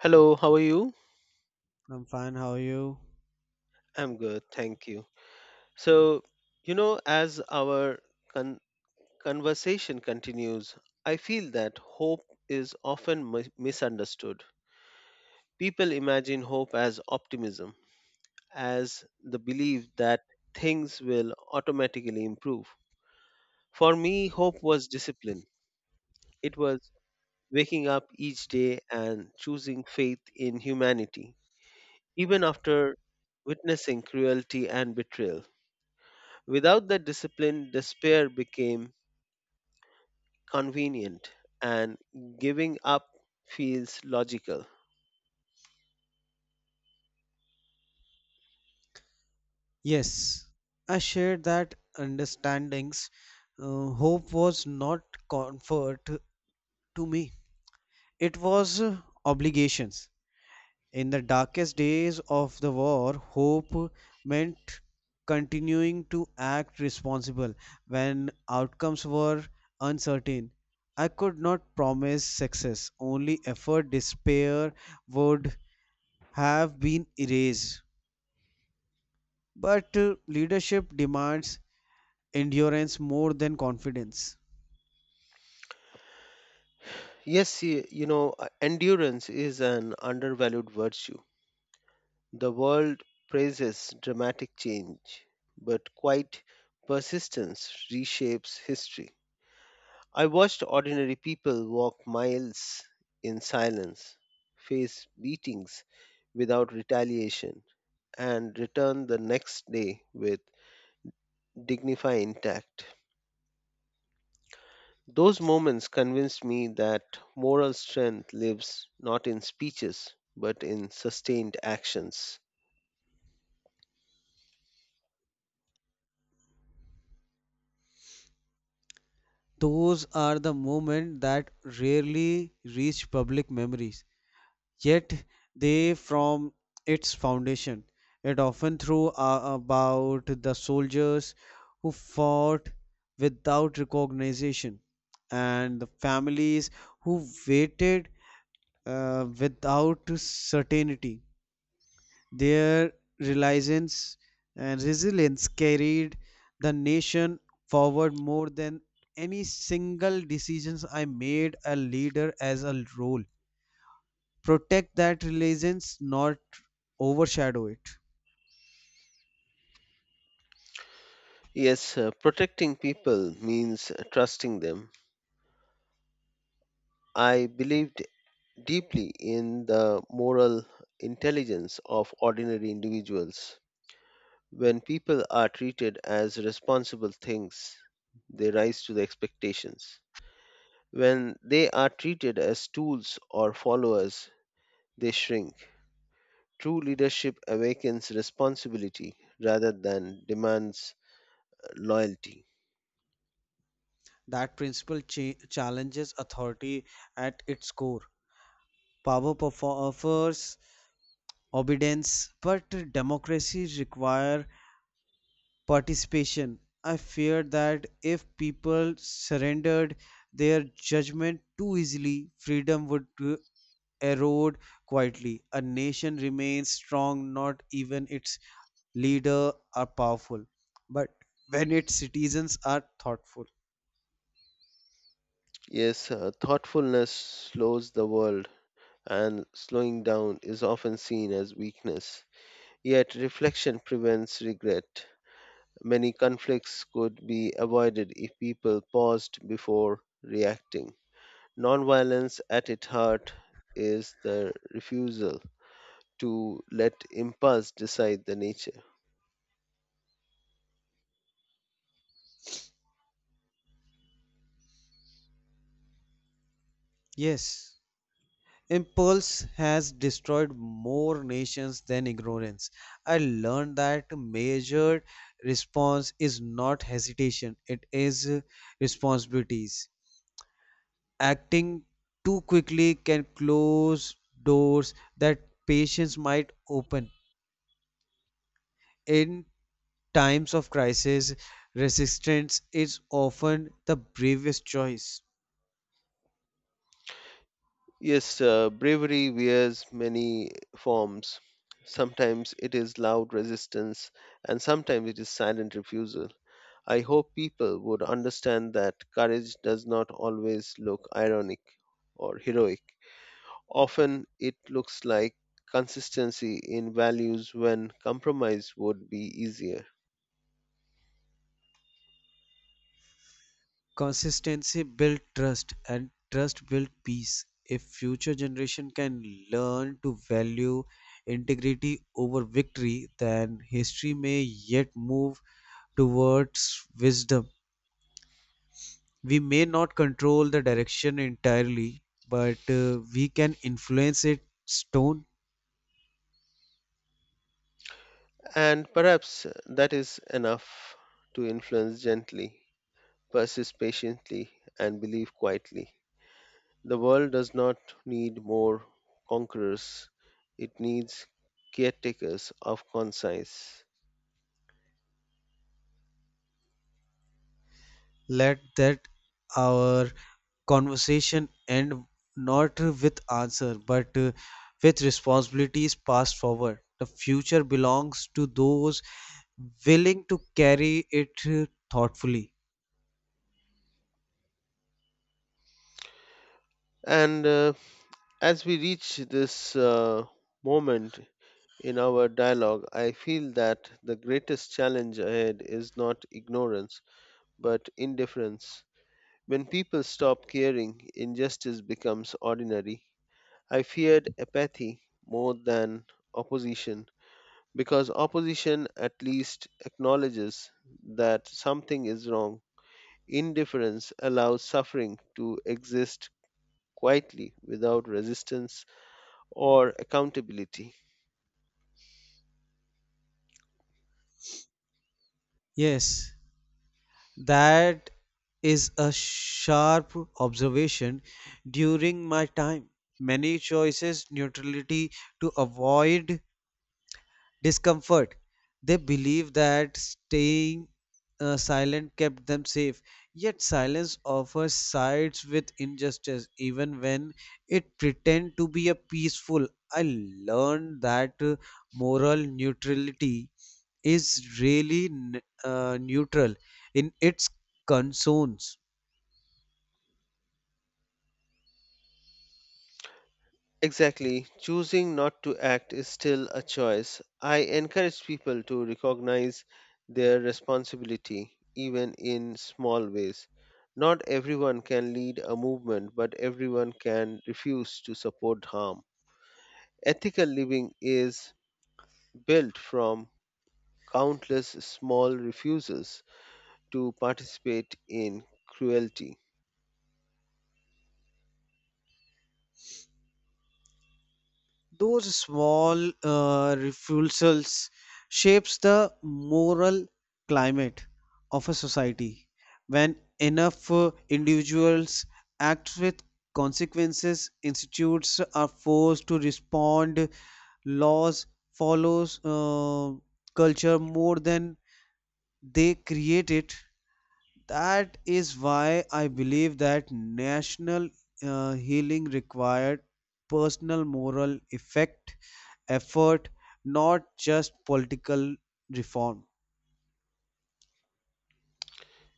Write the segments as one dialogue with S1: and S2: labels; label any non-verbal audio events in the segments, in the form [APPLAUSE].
S1: Hello, how are you?
S2: I'm fine. How are you?
S1: I'm good, thank you. So, as our con- conversation continues, I feel that hope is often misunderstood. People imagine hope as optimism, as the belief that things will automatically improve. For me, hope was discipline, it was waking up each day and choosing faith in humanity, even after witnessing cruelty and betrayal. Without that discipline, despair became convenient and giving up feels logical.
S2: Yes, I share that understandings. Hope was not comfort to me. It was obligations. In the darkest days of the war, hope meant continuing to act responsible when outcomes were uncertain. I could not promise success. Only effort, despair would have been erased. But leadership demands endurance more than confidence.
S1: Yes, endurance is an undervalued virtue. The world praises dramatic change, but quite persistence reshapes history. I watched ordinary people walk miles in silence, face beatings without retaliation, and return the next day with dignify intact. Those moments convinced me that moral strength lives not in speeches but in sustained actions.
S2: Those are the moments that rarely reach public memories, yet they form its foundation. It often through about the soldiers who fought without recognition and the families who waited without certainty. Their reliance and resilience carried the nation forward more than any single decisions I made a leader as a role. Protect that reliance, not overshadow it.
S1: Yes, Protecting people means trusting them. I believed deeply in the moral intelligence of ordinary individuals. When people are treated as responsible things, they rise to the expectations. When they are treated as tools or followers, they shrink. True leadership awakens responsibility rather than demands loyalty.
S2: That principle challenges authority at its core. Power offers obedience, but democracy requires participation. I fear that if people surrendered their judgment too easily, freedom would erode quietly. A nation remains strong not even its leader are powerful, but when its citizens are thoughtful.
S1: Yes, Thoughtfulness slows the world, and slowing down is often seen as weakness. Yet, reflection prevents regret. Many conflicts could be avoided if people paused before reacting. Nonviolence, at its heart, is the refusal to let impulse decide the nature.
S2: Yes. Impulse has destroyed more nations than ignorance. I learned that measured response is not hesitation, it is responsibilities. Acting too quickly can close doors that patience might open. In times of crisis, resistance is often the bravest choice.
S1: Yes, Bravery wears many forms. Sometimes it is loud resistance, and sometimes it is silent refusal. I hope people would understand that courage does not always look ironic or heroic. Often it looks like consistency in values when compromise would be easier.
S2: Consistency built trust, and trust built peace. If future generation can learn to value integrity over victory, then history may yet move towards wisdom. We may not control the direction entirely, but we can influence it stone.
S1: And perhaps that is enough to influence gently, persist patiently, and believe quietly. The world does not need more conquerors, it needs caretakers of conscience.
S2: Let that our conversation end not with answer but with responsibilities passed forward. The future belongs to those willing to carry it thoughtfully.
S1: And As we reach this moment in our dialogue, I feel that the greatest challenge ahead is not ignorance, but indifference. When people stop caring, injustice becomes ordinary. I feared apathy more than opposition because opposition at least acknowledges that something is wrong. Indifference allows suffering to exist quietly without resistance or accountability.
S2: Yes, that is a sharp observation. During my time, many choices neutrality to avoid discomfort. They believe that staying silent kept them safe. Yet silence offers sides with injustice, even when it pretend to be a peaceful. I learned that moral neutrality is really neutral in its concerns.
S1: Exactly, choosing not to act is still a choice. I encourage people to recognize their responsibility even in small ways. Not everyone can lead a movement, but everyone can refuse to support harm ethical living is built from countless small refusals to participate in cruelty.
S2: Those small refusals shapes the moral climate of a society. When enough individuals act with consequences, institutes are forced to respond. Laws follows culture more than they create it. That is why I believe that national healing required personal moral effect, effort, not just political reform.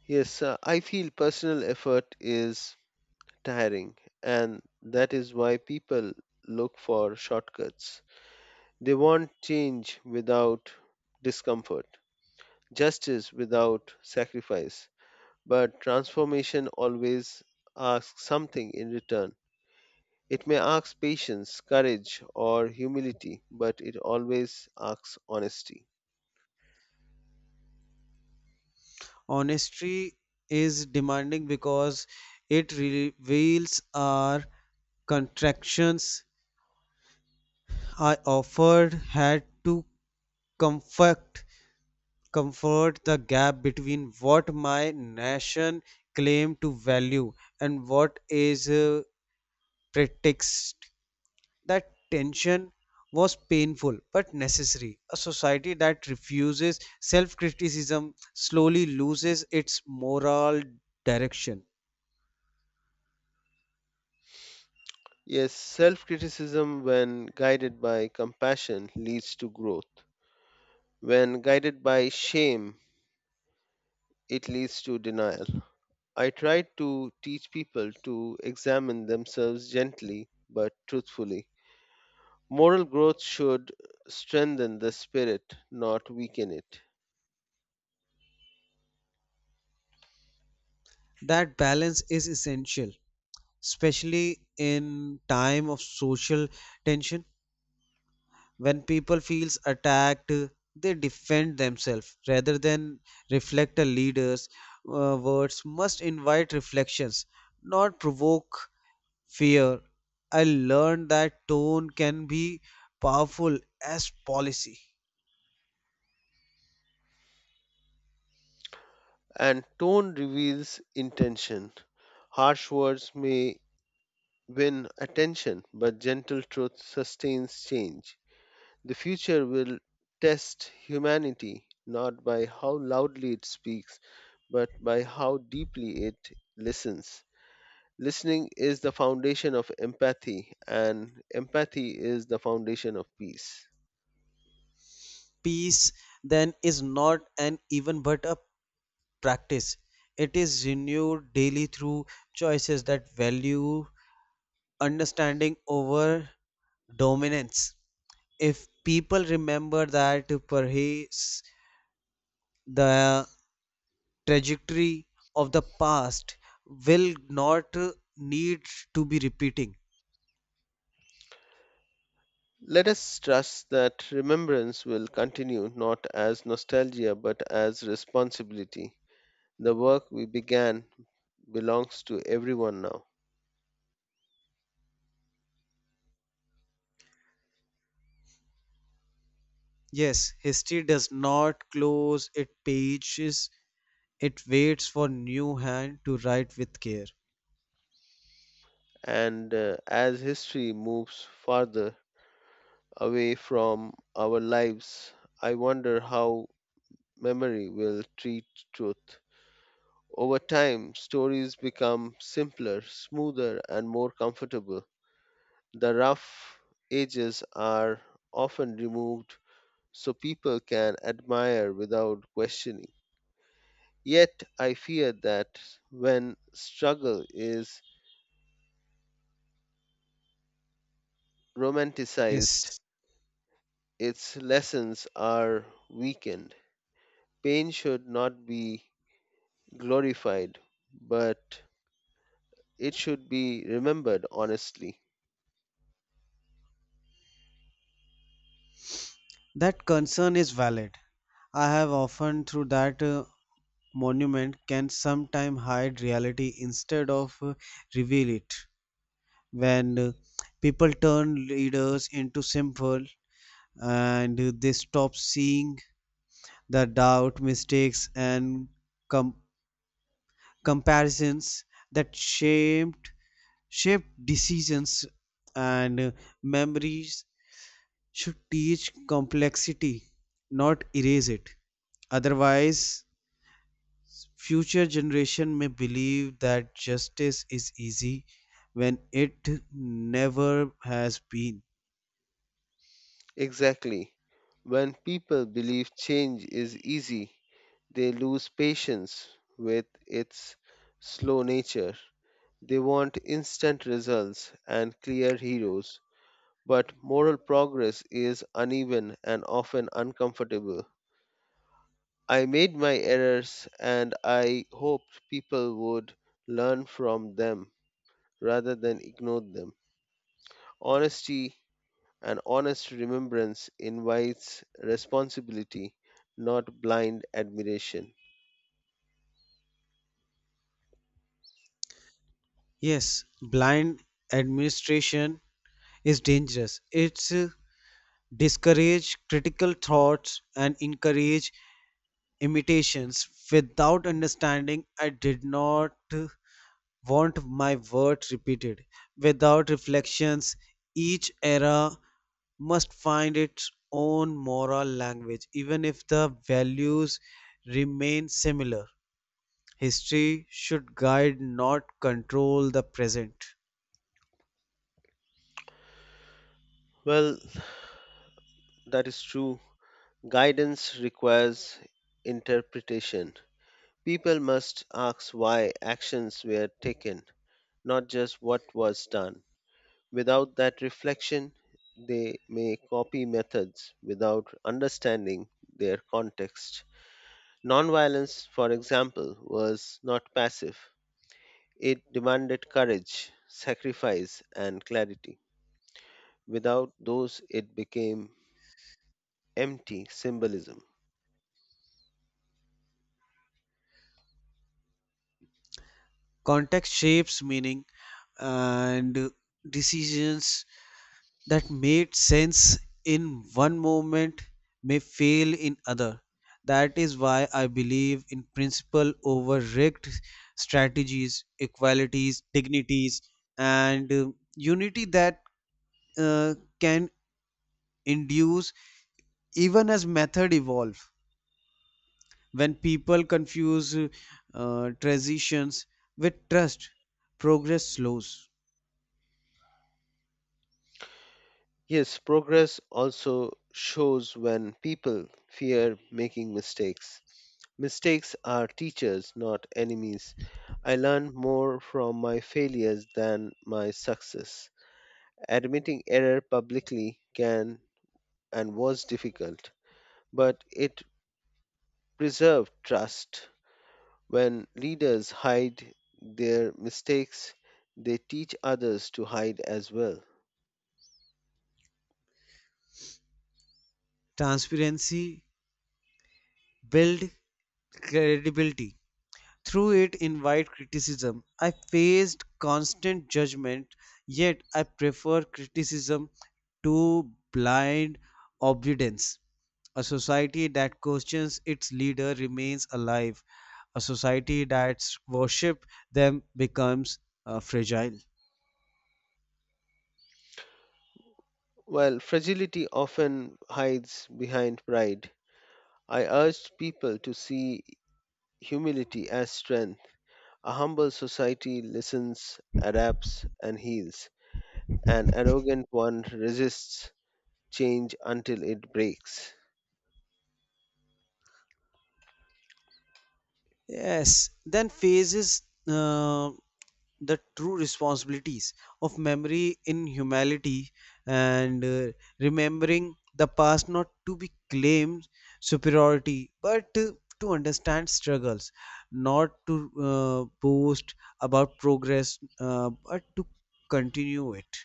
S1: Yes, I feel personal effort is tiring, and that is why people look for shortcuts. They want change without discomfort, justice without sacrifice, but transformation always asks something in return. It may ask patience, courage, or humility, but it always asks honesty.
S2: Honesty is demanding because it reveals our contractions. I offered had to comfort comfort the gap between what my nation claimed to value and what is pretext. That tension was painful but necessary. A society that refuses self criticism slowly loses its moral direction.
S1: Yes, self criticism, when guided by compassion, leads to growth. When guided by shame, it leads to denial. I try to teach people to examine themselves gently but truthfully. Moral growth should strengthen the spirit, not weaken it.
S2: That balance is essential, especially in time of social tension. When people feels attacked, they defend themselves rather than reflect. A leader's words must invite reflections, not provoke fear. I learned that tone can be powerful as policy.
S1: And tone reveals intention. Harsh words may win attention, but gentle truth sustains change. The future will test humanity not by how loudly it speaks, but by how deeply it listens. Listening is the foundation of empathy, and empathy is the foundation of peace.
S2: Peace then is not an even but a practice. It is renewed daily through choices that value understanding over dominance. If people remember that, perhaps the trajectory of the past will not need to be repeating.
S1: Let us trust that remembrance will continue not as nostalgia but as responsibility. The work we began belongs to everyone now,
S2: Yes, history does not close its pages, it waits for new hand to write with care.
S1: and as history moves farther, away from our lives, I wonder how memory will treat truth. Over time, stories become simpler, smoother, and more comfortable. The rough edges are often removed so people can admire without questioning. Yet, I fear that when struggle is romanticized,
S2: Yes,
S1: its lessons are weakened. Pain should not be glorified, but it should be remembered honestly.
S2: that concern is valid. I have often through that monument can sometime hide reality instead of reveal it. When people turn leaders into simple and they stop seeing the doubt, mistakes and com- comparisons that shaped decisions and memories should teach complexity, not erase it. Otherwise future generation may believe that justice is easy when it never has been.
S1: Exactly. When people believe change is easy, they lose patience with its slow nature. They want instant results and clear heroes, but moral progress is uneven and often uncomfortable. I made my errors and I hoped people would learn from them rather than ignore them. Honesty An honest remembrance invites responsibility, not blind admiration.
S2: Yes, blind administration is dangerous. It's discourage critical thoughts and encourage imitations without understanding. I did not want my words repeated. Without reflections, each era must find its own moral language, even if the values remain similar. History should guide, not control the present.
S1: Well, that is true. Guidance requires interpretation. People must ask why actions were taken, not just what was done. Without that reflection, they may copy methods without understanding their context. Nonviolence, for example, was not passive, it demanded courage, sacrifice, and clarity. Without those, it became empty symbolism.
S2: Context shapes meaning, and decisions that made sense in one moment may fail in other. That is why I believe in principle over rigged strategies, equalities, dignities, and unity that uh, can induce even as method evolve. When people confuse transitions with trust, progress slows.
S1: Yes, progress also shows when people fear making mistakes. Mistakes are teachers, not enemies. I learn more from my failures than my success. Admitting error publicly can and was difficult, but it preserved trust. When leaders hide their mistakes, they teach others to hide as well.
S2: Transparency build credibility. Through it invite criticism. I faced constant judgment, yet I prefer criticism to blind obedience. A society that questions its leader remains alive. A society that worships them becomes fragile.
S1: While fragility often hides behind pride, I urge people to see humility as strength. A humble society listens, adapts, and heals. An arrogant one resists change until it breaks.
S2: Yes, then phases. uh, the true responsibilities of memory in humanity, and remembering the past, not to be claimed superiority but to understand struggles, not to boast about progress, but to continue it.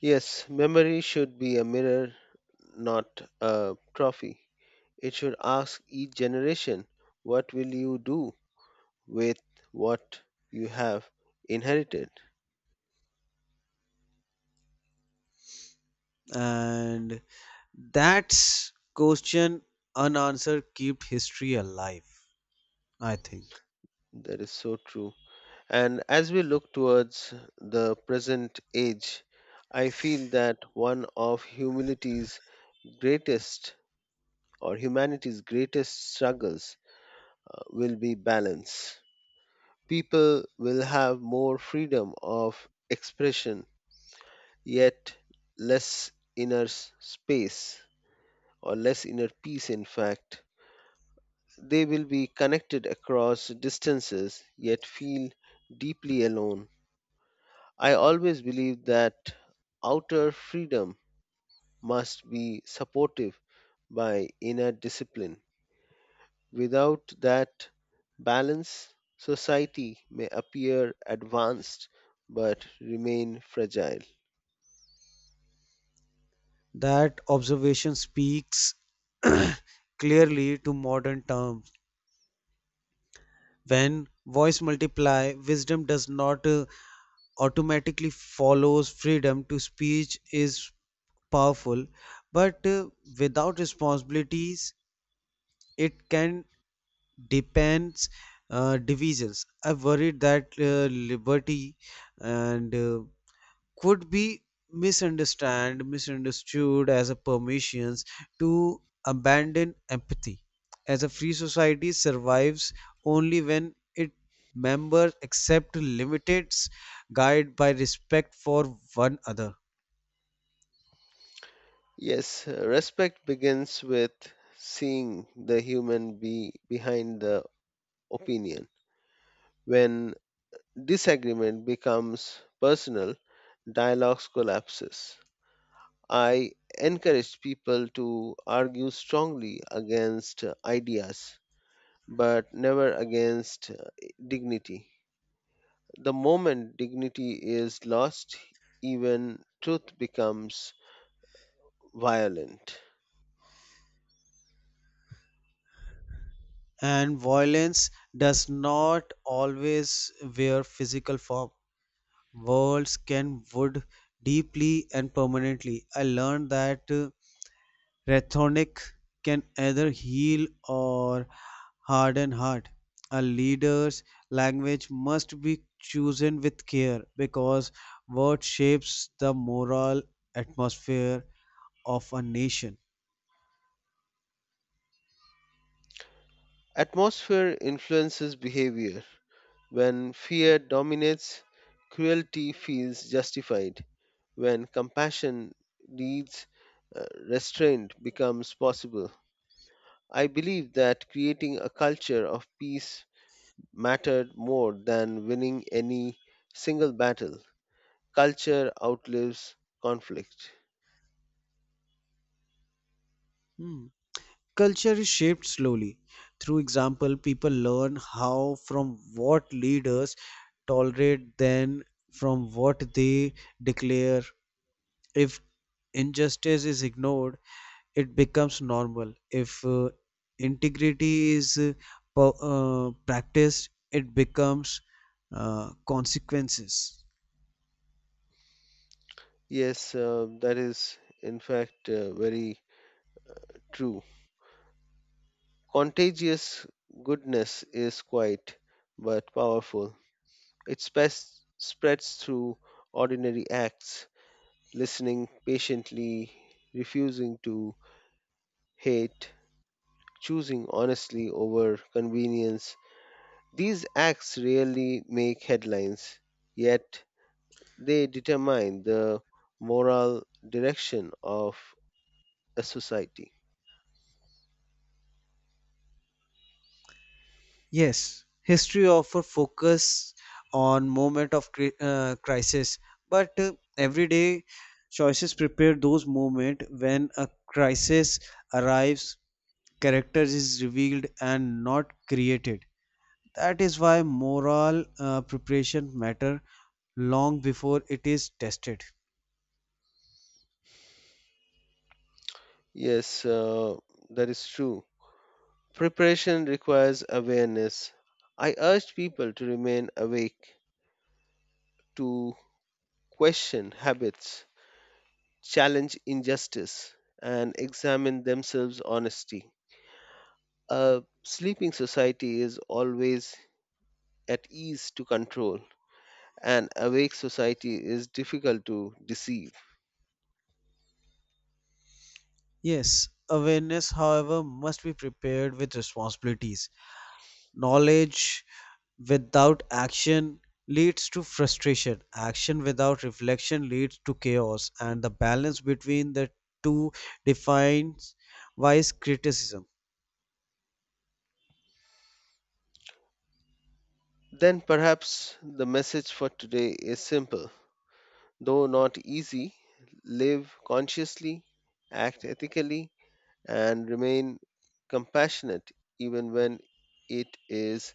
S1: Yes, memory should be a mirror, not a trophy. It should ask each generation, what will you do with what you have inherited?
S2: And that's question unanswered kept history alive, I think.
S1: That is so true. And as we look towards the present age, I feel that one of greatest humanity's greatest struggles will be balance. People will have more freedom of expression yet less inner s- space or less inner peace. In fact, they will be connected across distances yet feel deeply alone. I always believe that outer freedom must be supportive by inner discipline. Without that balance, society may appear advanced but remain fragile.
S2: That observation speaks [CLEARS THROAT] clearly to modern term. When voice multiply, wisdom does not automatically follows. Freedom to speech is powerful, but without responsibilities, it can depends, divisions. I worried that liberty and could be misunderstand misunderstood as a permissions to abandon empathy, as a free society survives only when its members accept limits guided by respect for one another.
S1: Yes, respect begins with seeing the human be behind the opinion. When disagreement becomes personal, dialogues collapses. I encourage people to argue strongly against ideas, but never against dignity. The moment dignity is lost, even truth becomes violent.
S2: And violence does not always wear physical form. Words can wound deeply and permanently. I learned that rhetoric can either heal or harden heart. A leader's language must be chosen with care because what shapes the moral atmosphere of a nation.
S1: Atmosphere influences behavior. When fear dominates, cruelty feels justified. When compassion leads, uh, restraint becomes possible. I believe that creating a culture of peace mattered more than winning any single battle. Culture outlives conflict.
S2: Hmm. Culture is shaped slowly. Through example, people learn how from what leaders tolerate, then from what they declare. If injustice is ignored, it becomes normal. If integrity is practiced, it becomes consequences.
S1: Yes, that is in fact very true. Contagious goodness is quiet but powerful. It spreads through ordinary acts listening patiently, refusing to hate, choosing honestly over convenience. These acts rarely make headlines, yet they determine the moral direction of a society.
S2: Yes, history often focus on moment of crisis, but everyday choices prepare those moment. When a crisis arrives, character is revealed and not created. That is why moral preparation matter long before it is tested.
S1: Yes, that is true. Preparation requires awareness. I urge people to remain awake, to question habits, challenge injustice and examine themselves honesty. A sleeping society is always at ease to control, and awake society is difficult to deceive.
S2: Yes, awareness however must be prepared with responsibilities. Knowledge without action leads to frustration. Action without reflection leads to chaos, and the balance between the two defines wise criticism.
S1: Then perhaps the message for today is simple, though not easy. Live consciously, act ethically, and remain compassionate even when it is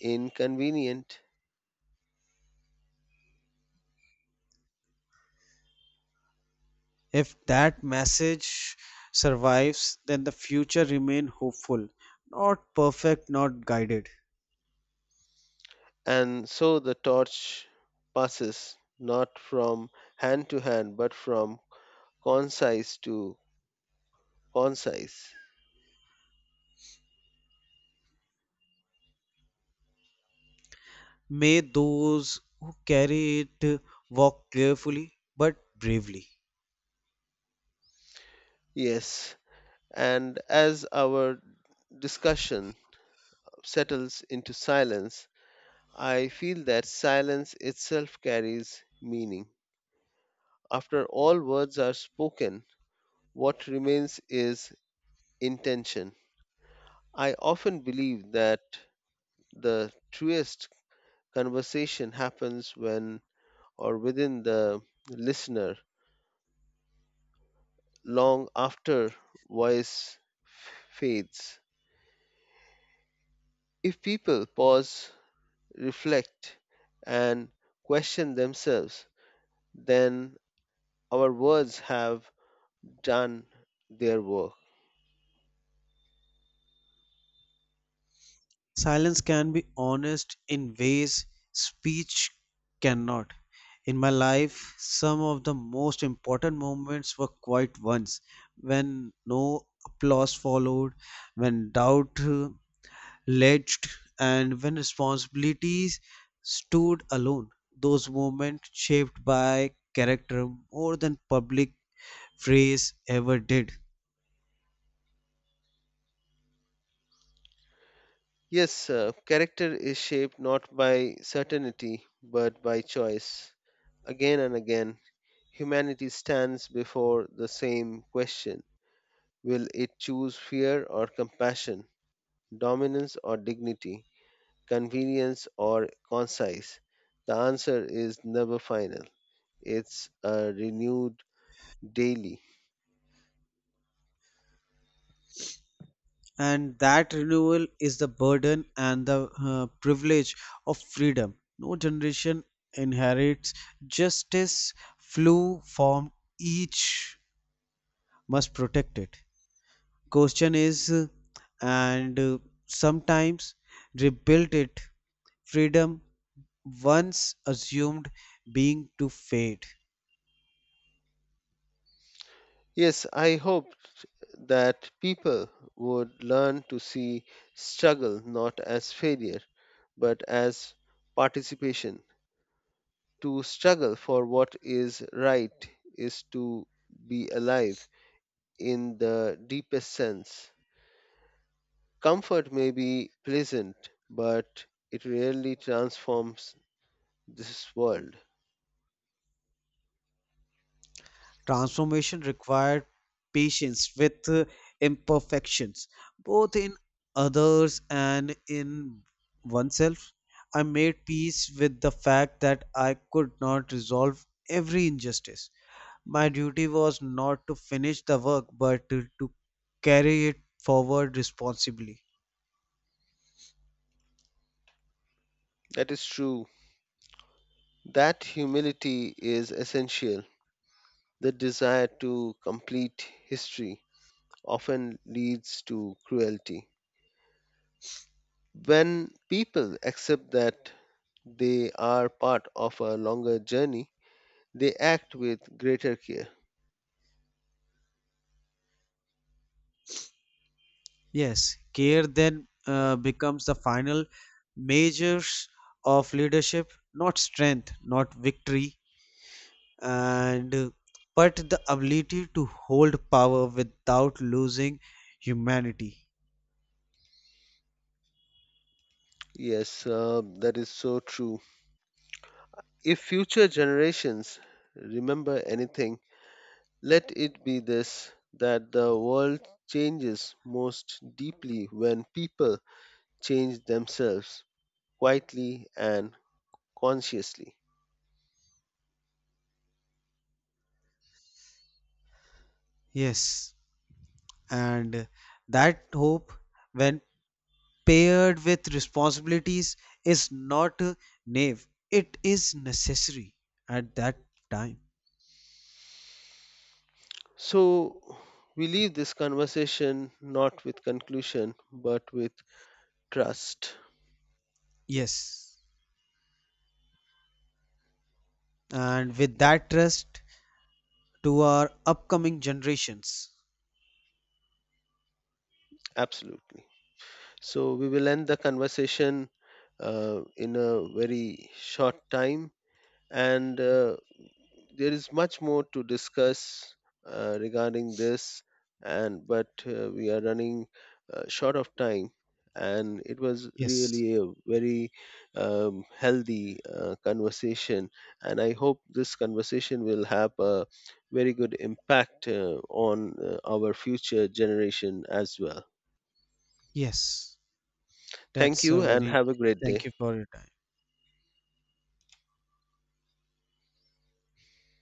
S1: inconvenient.
S2: If that message survives, then the future remain hopeful, not perfect, not guided.
S1: And so the torch passes not from hand to hand, but from concise to concise.
S2: May those who carry it walk carefully but bravely.
S1: Yes, and as our discussion settles into silence, I feel that silence itself carries meaning. After all words are spoken, what remains is intention. I often believe that the truest conversation happens when or within the listener long after voice fades. If people pause, reflect, and question themselves, then our words have done their work.
S2: Silence can be honest in ways speech cannot. In my life, some of the most important moments were quiet ones, when no applause followed, when doubt alleged, and when responsibilities stood alone. Those moments shaped by character more than public phrase ever did.
S1: Yes, character is shaped not by certainty but by choice. Again and again, humanity stands before the same question. Will it choose fear or compassion? Dominance or dignity, convenience or concise. The answer is never final. It's renewed daily.
S2: And that renewal is the burden and the privilege of freedom. No generation inherits justice, flu formed, each must protect it. Question is and sometimes rebuilt it. Freedom once assumed being to fade.
S1: Yes, I hope that people would learn to see struggle not as failure, but as participation. To struggle for what is right is to be alive in the deepest sense. Comfort may be pleasant, but it rarely transforms this world.
S2: Transformation required patience with imperfections, both in others and in oneself. I made peace with the fact that I could not resolve every injustice. My duty was not to finish the work, but to carry it forward responsibly.
S1: That is true. That humility is essential. The desire to complete history often leads to cruelty. When people accept that they are part of a longer journey, they act with greater care.
S2: Yes, care then becomes the final measures of leadership, not strength, not victory, and but the ability to hold power without losing humanity.
S1: Yes, that is so true. If future generations remember anything, let it be this that the world changes most deeply when people change themselves quietly and consciously.
S2: Yes, and that hope, when paired with responsibilities, is not naive. It is necessary at that time.
S1: So, we leave this conversation not with conclusion but with trust.
S2: Yes, and with that trust to our upcoming generations.
S1: Absolutely. So, we will end the conversation in a very short time and there is much more to discuss regarding this and but we are running short of time and it was
S2: Yes.
S1: really a very healthy conversation and I hope this conversation will have a very good impact on our future generation as well.
S2: Yes,
S1: Thank
S2: that's
S1: you
S2: a
S1: and
S2: very.
S1: have a great
S2: Thank
S1: day.
S2: you for your time.